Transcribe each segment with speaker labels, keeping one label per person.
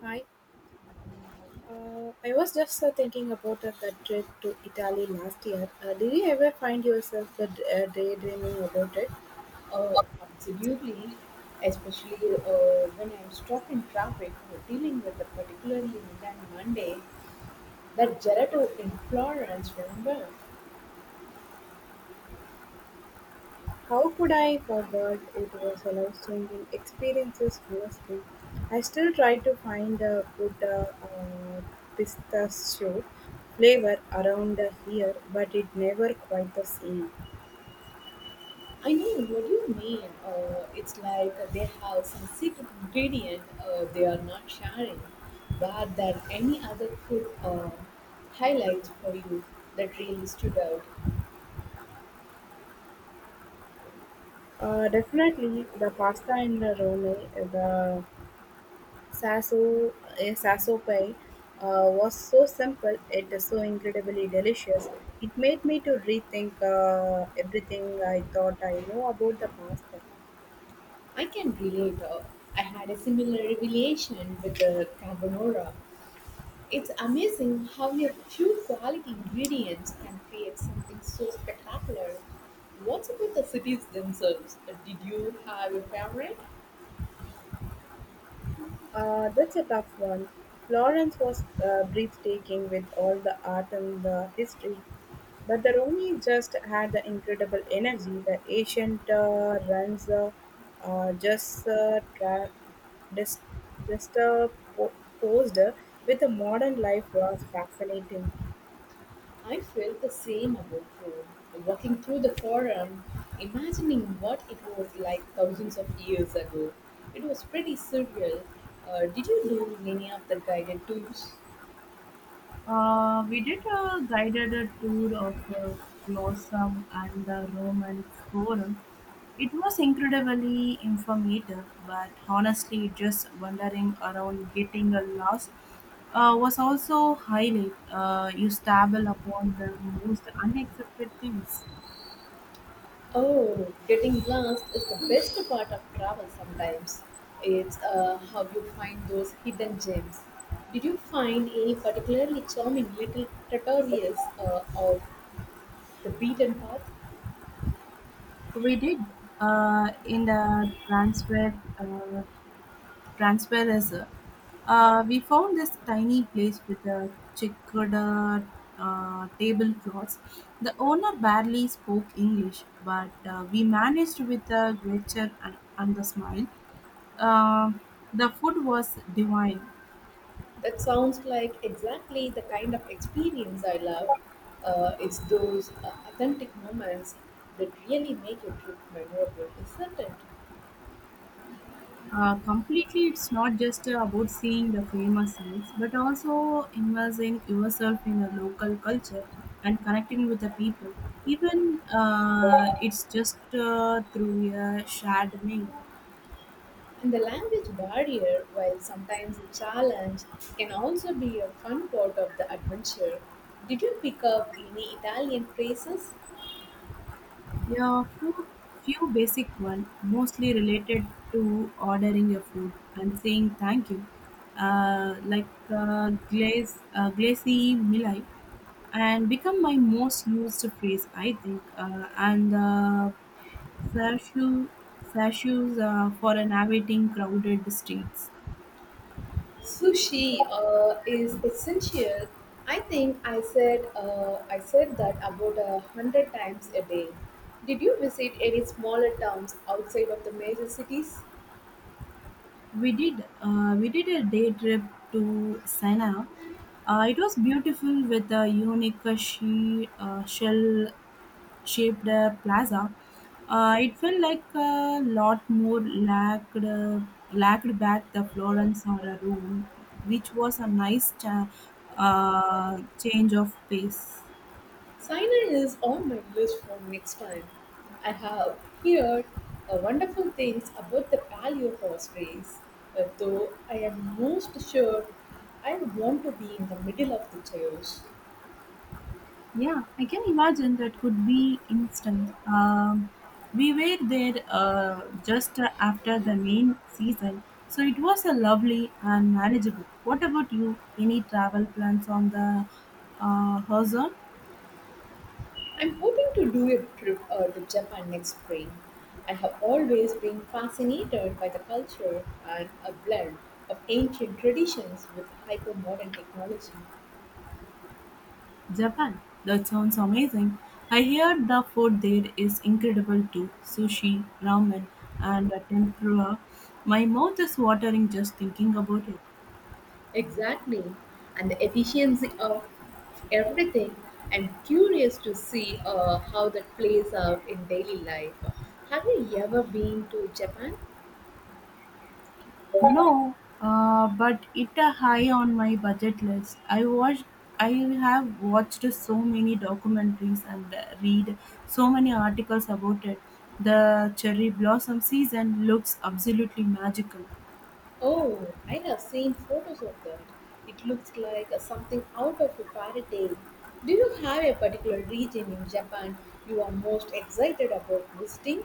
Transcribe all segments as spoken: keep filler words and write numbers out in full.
Speaker 1: Hi. Uh, I was just uh, thinking about uh, that trip to Italy last year. Uh, did you ever find yourself uh, d- uh, daydreaming about it?
Speaker 2: Uh, absolutely, especially uh, when I'm stuck in traffic or dealing with a particularly mundane Monday. That gelato in Florence, remember?
Speaker 1: How could I forget it was a life-changing experience, honestly? I still try to find a good uh, uh, pistachio flavor around uh, here, but it never quite the same.
Speaker 2: I know what you mean. Uh, it's like they have some secret ingredient uh, they are not sharing, but that any other food uh, highlights for you that really stood out.
Speaker 1: Uh, definitely the pasta in the Rome, the Sasso, a sasso pie uh, was so simple, it is so incredibly delicious. It made me to rethink uh, everything I thought I know about the pasta.
Speaker 2: I can relate. Uh, I had a similar revelation with the carbonara. It's amazing how a few quality ingredients can create something so spectacular. What about the cities themselves? Uh, Did you have a favorite?
Speaker 1: Uh, that's a tough one. Florence was uh, breathtaking with all the art and the history, but the Romy just had the incredible energy. The ancient uh, runs uh, uh, just uh, tra- dis- just uh, po- posed with the modern life was fascinating.
Speaker 2: I felt the same about Rome. Walking through the forum, imagining what it was like thousands of years ago, it was pretty surreal. Uh, did you do any of the guided tours?
Speaker 1: Uh, we did a guided uh, tour of uh, Glossum and the Roman Forum. It was incredibly informative, but honestly, just wandering around getting uh, lost uh, was also highlight. Uh, you stumble upon the most unexpected things.
Speaker 2: Oh, getting lost is the best part of travel sometimes. It's uh, how you find those hidden gems. Did you find any particularly charming little tutorials uh, of the beaten path?
Speaker 1: We did uh, in the transfer uh, transparency. Uh, we found this tiny place with a checkered uh, tablecloths. The owner barely spoke English, but uh, we managed with a gesture and, and the smile. Uh, the food was divine.
Speaker 2: That sounds like exactly the kind of experience I love. Uh, it's those uh, authentic moments that really make your trip memorable, isn't it?
Speaker 1: Uh, completely, it's not just uh, about seeing the famous sites, but also immersing yourself in the local culture and connecting with the people. Even uh, it's just uh, through a shared meal.
Speaker 2: And the language barrier, while sometimes a challenge, can also be a fun part of the adventure. Did you pick up any Italian phrases?
Speaker 1: Yeah, few, few basic one, mostly related to ordering your food and saying thank you, uh, like uh, glaze, uh, glazy milai, and become my most used phrase, I think, uh, and. Uh, Sashu, Sashu's uh, for navigating crowded streets.
Speaker 2: Sushi uh, is essential. I think I said uh, I said that about a hundred times a day. Did you visit any smaller towns outside of the major cities?
Speaker 1: We did uh, we did a day trip to Sena. Uh, it was beautiful with a unique uh, she, uh, shell shaped uh, plaza. Uh, it felt like a lot more lacked uh, lacked back the Florence or a Rome, which was a nice cha- uh, change of pace.
Speaker 2: Sinai is on my list for next time. I have heard uh, wonderful things about the paleo horse race, uh, though I am most sure I would want to be in the middle of the chaos.
Speaker 1: Yeah, I can imagine that could be instant. Um, we were there uh, just after the main season, so it was a lovely and manageable. What about you? Any travel plans on the uh, horizon?
Speaker 2: I'm hoping to do a trip uh, to Japan next spring. I have always been fascinated by the culture and a blend of ancient traditions with hyper modern technology.
Speaker 1: Japan. That sounds amazing. I hear the food there is incredible too. Sushi, ramen, and uh, tempura. My mouth is watering just thinking about it.
Speaker 2: Exactly. And the efficiency of everything. I'm curious to see uh, how that plays out in daily life. Have you ever been to Japan?
Speaker 1: No, uh, but it a high on my budget list. I watched, I have watched so many documentaries and read so many articles about it. The cherry blossom season looks absolutely magical.
Speaker 2: Oh, I have seen photos of that. It looks like uh, something out of a fairy tale. Do you have a particular region in Japan you are most excited about visiting?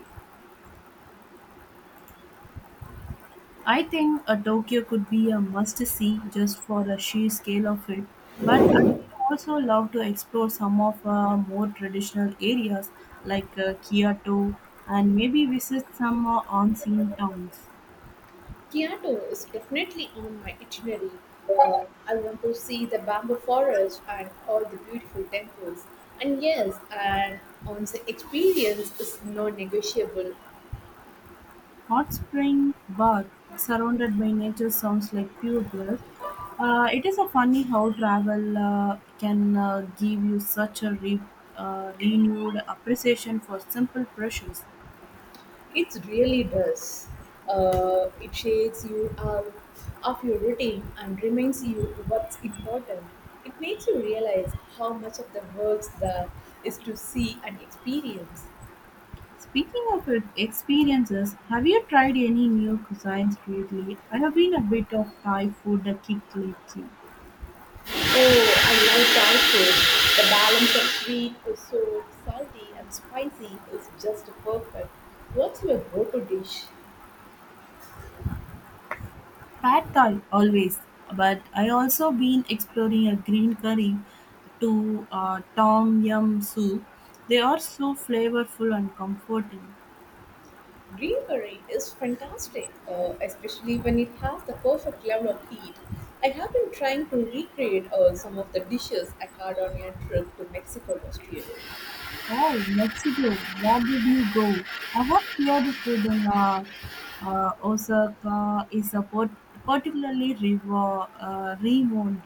Speaker 1: I think a Tokyo could be a must-see just for the sheer scale of it. But I would also love to explore some of uh, more traditional areas like uh, Kyoto and maybe visit some uh, on-scene towns.
Speaker 2: Kyoto is definitely on my itinerary. Uh, I want to see the bamboo forest and all the beautiful temples. And yes, an onsen experience is non negotiable.
Speaker 1: Hot spring bath surrounded by nature sounds like pure bliss. Uh, it is a funny how travel uh, can uh, give you such a re- uh, renewed appreciation for simple pleasures.
Speaker 2: It really does. Uh, it shakes you out of your routine and reminds you what's important. It makes you realize how much of the works there is to see and experience.
Speaker 1: Speaking of it- experiences, have you tried any new cuisines lately? I have been a bit of Thai food a kick lately.
Speaker 2: Oh, I love tacos. The balance of sweet, sour, salty, and spicy is just perfect. What's your go-to dish?
Speaker 1: Pad Thai always, but I also been exploring a green curry to uh, Tom Yum soup. They are so flavorful and comforting.
Speaker 2: Green curry is fantastic, uh, especially when it has the perfect level of heat. I have been trying to recreate uh, some of the dishes I had on a trip to Mexico last year.
Speaker 1: Oh, Mexico, where did you go? I have heard the food in uh, Uh, Osaka is a pot- particularly revo- uh, renowned.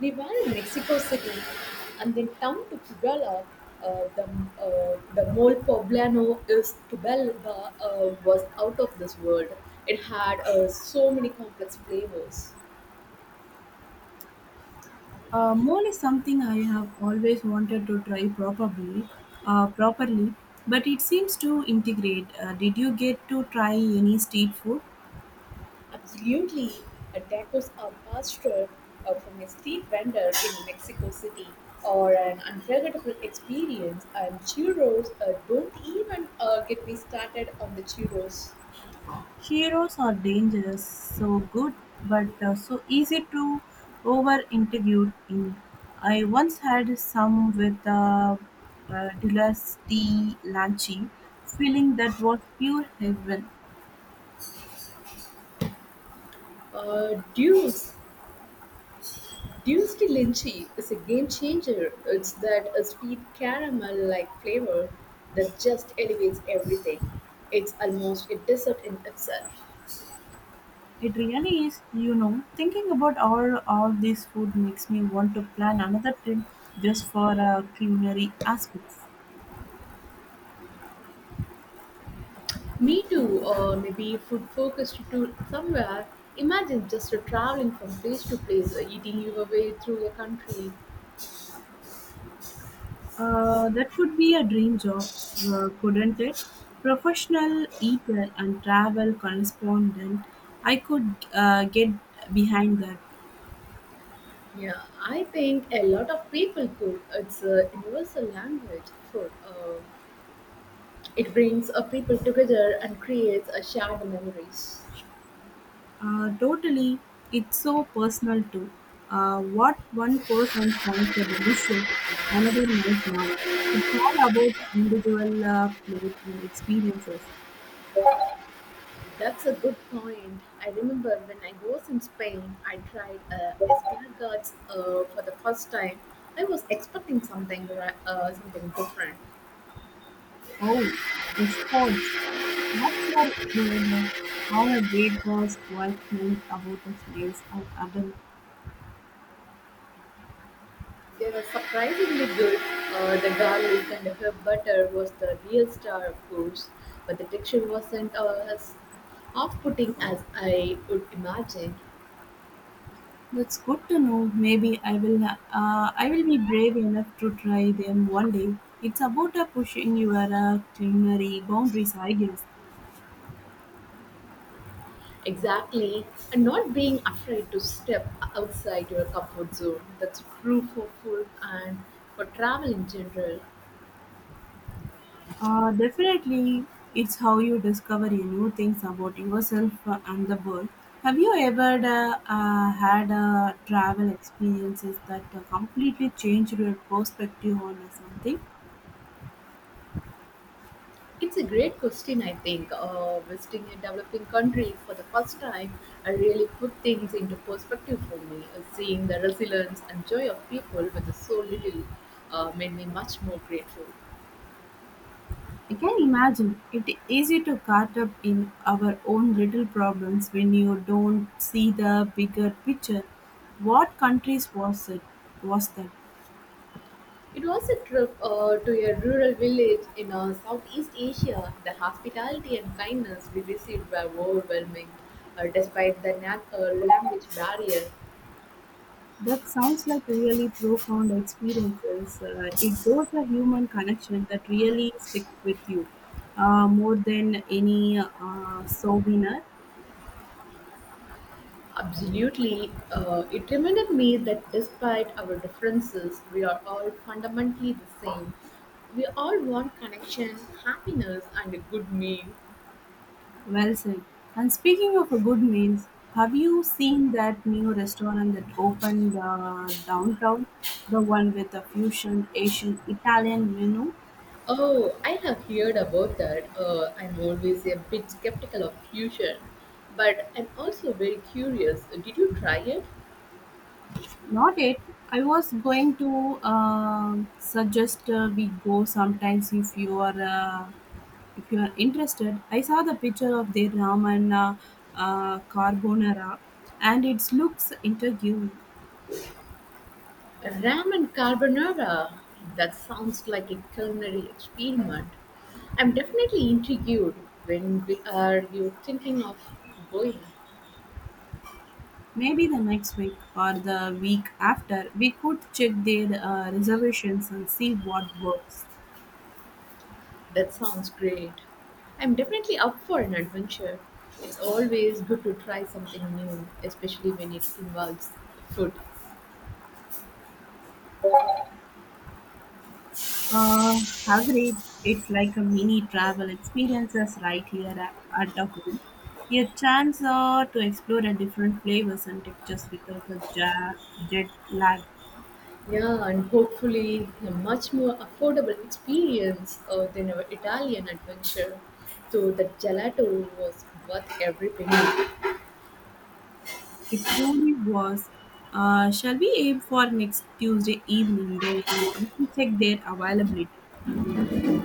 Speaker 2: They were in Mexico City and then down to Puebla. Uh, the uh, the mole poblano is Puebla uh, was out of this world. It had uh, so many complex flavors.
Speaker 1: Uh, mole is something I have always wanted to try probably, uh, properly, but it seems to integrate. Uh, did you get to try any street food?
Speaker 2: Absolutely, uh, tacos are pastor uh, from a street vendor in Mexico City or an unforgettable experience. And churros uh, don't even uh, get me started on the churros.
Speaker 1: Heroes are dangerous, so good, but uh, so easy to over integrate in. I once had some with uh, uh, Dilas tea lanchi, feeling that was pure heaven.
Speaker 2: Uh, dudes, Duisty Linchi is a game changer. It's that uh, sweet caramel-like flavor that just elevates everything. It's almost a dessert in itself.
Speaker 1: It really is, you know, thinking about all all this food makes me want to plan another trip just for uh, culinary aspects.
Speaker 2: Me too, or maybe food-focused to somewhere. Imagine just uh, traveling from place to place, uh, eating your way through a country.
Speaker 1: Uh, that could be a dream job, uh, couldn't it? Professional eater and travel correspondent. I could uh, get behind that.
Speaker 2: Yeah, I think a lot of people could. It's a universal language. For. Uh, it brings uh, people together and creates a shared memories.
Speaker 1: Uh, totally, it's so personal too. Uh, what one person finds a delicious, another might not. It's all about individual uh, plate and experiences.
Speaker 2: That's a good point. I remember when I was in Spain, I tried uh, escargots uh, for the first time. I was expecting something ra- uh, something different.
Speaker 1: Oh, the Scots! What's your bane? I've a bit those meant about the slaves and other.
Speaker 2: They were surprisingly good. Uh, the garlic and the herb butter was the real star, of course, but the texture wasn't uh, as off-putting as I would imagine.
Speaker 1: That's good to know. Maybe I will. Uh, I will be brave enough to try them one day. It's about uh, pushing your uh, culinary boundaries, I guess.
Speaker 2: Exactly, and not being afraid to step outside your comfort zone. That's true for food and for travel in general.
Speaker 1: Uh, definitely, it's how you discover your new things about yourself uh, and the world. Have you ever uh, uh, had uh, travel experiences that uh, completely changed your perspective on uh, something?
Speaker 2: It's a great question, I think. Uh, visiting a developing country for the first time uh, really put things into perspective for me. Uh, seeing the resilience and joy of people with so little uh, made me much more grateful.
Speaker 1: I can imagine it easy to caught up in our own little problems when you don't see the bigger picture. What countries was it? Was that?
Speaker 2: It was a trip uh, to a rural village in uh, Southeast Asia. The hospitality and kindness we received were overwhelming, uh, despite the nat- uh, language barrier.
Speaker 1: That sounds like really profound experiences. Uh, it those are human connections that really stick with you uh, more than any uh, souvenir.
Speaker 2: Absolutely. Uh, it reminded me that despite our differences, we are all fundamentally the same. We all want connection, happiness, and a good meal.
Speaker 1: Well said. And speaking of a good meals, have you seen that new restaurant that opened uh, downtown? The one with a fusion Asian Italian menu?
Speaker 2: Oh, I have heard about that. Uh, I'm always a bit skeptical of fusion, but I'm also very curious. Did you try it?
Speaker 1: Not it. I was going to uh, suggest uh, we go sometimes if you are. Uh, If you are interested, I saw the picture of their ramen uh, uh, carbonara and it looks intriguing.
Speaker 2: Ramen carbonara. That sounds like a culinary experiment. I'm definitely intrigued. When we are you thinking of going?
Speaker 1: Maybe the next week or the week after, we could check their uh, reservations and see what works.
Speaker 2: That sounds great. I'm definitely up for an adventure. It's always good to try something new, especially when it involves food.
Speaker 1: Uh, Agreed. It's like a mini travel experiences right here at, at a home. A chance uh, to explore a different flavors and textures without a ja- jet lag.
Speaker 2: Yeah, and hopefully a much more affordable experience uh, than our Italian adventure. So the gelato was worth every penny.
Speaker 1: It truly was. Uh, shall we aim for next Tuesday evening? Then I can check their availability.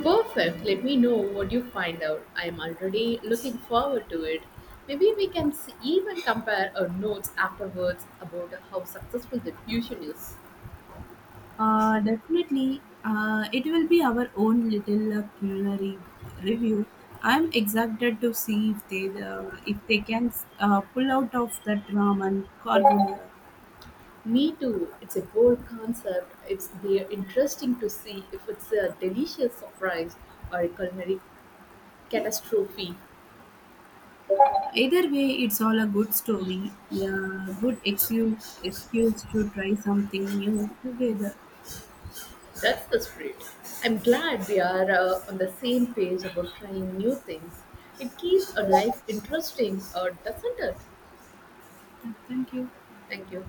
Speaker 2: Perfect. Let me know what you find out. I'm already looking forward to it. Maybe we can s- even compare our notes afterwards about how successful the fusion is.
Speaker 1: Uh, definitely, uh, it will be our own little uh, culinary review. I'm excited to see if they uh, if they can uh, pull out of that ramen carbonara.
Speaker 2: Me too. It's a bold concept. It's be interesting to see if it's a delicious surprise or a culinary catastrophe.
Speaker 1: Either way, it's all a good story. Yeah, good excuse excuse to try something new together.
Speaker 2: That's the spirit. I'm glad we are uh, on the same page about trying new things. It keeps our life interesting, or doesn't it?
Speaker 1: Thank you.
Speaker 2: Thank you.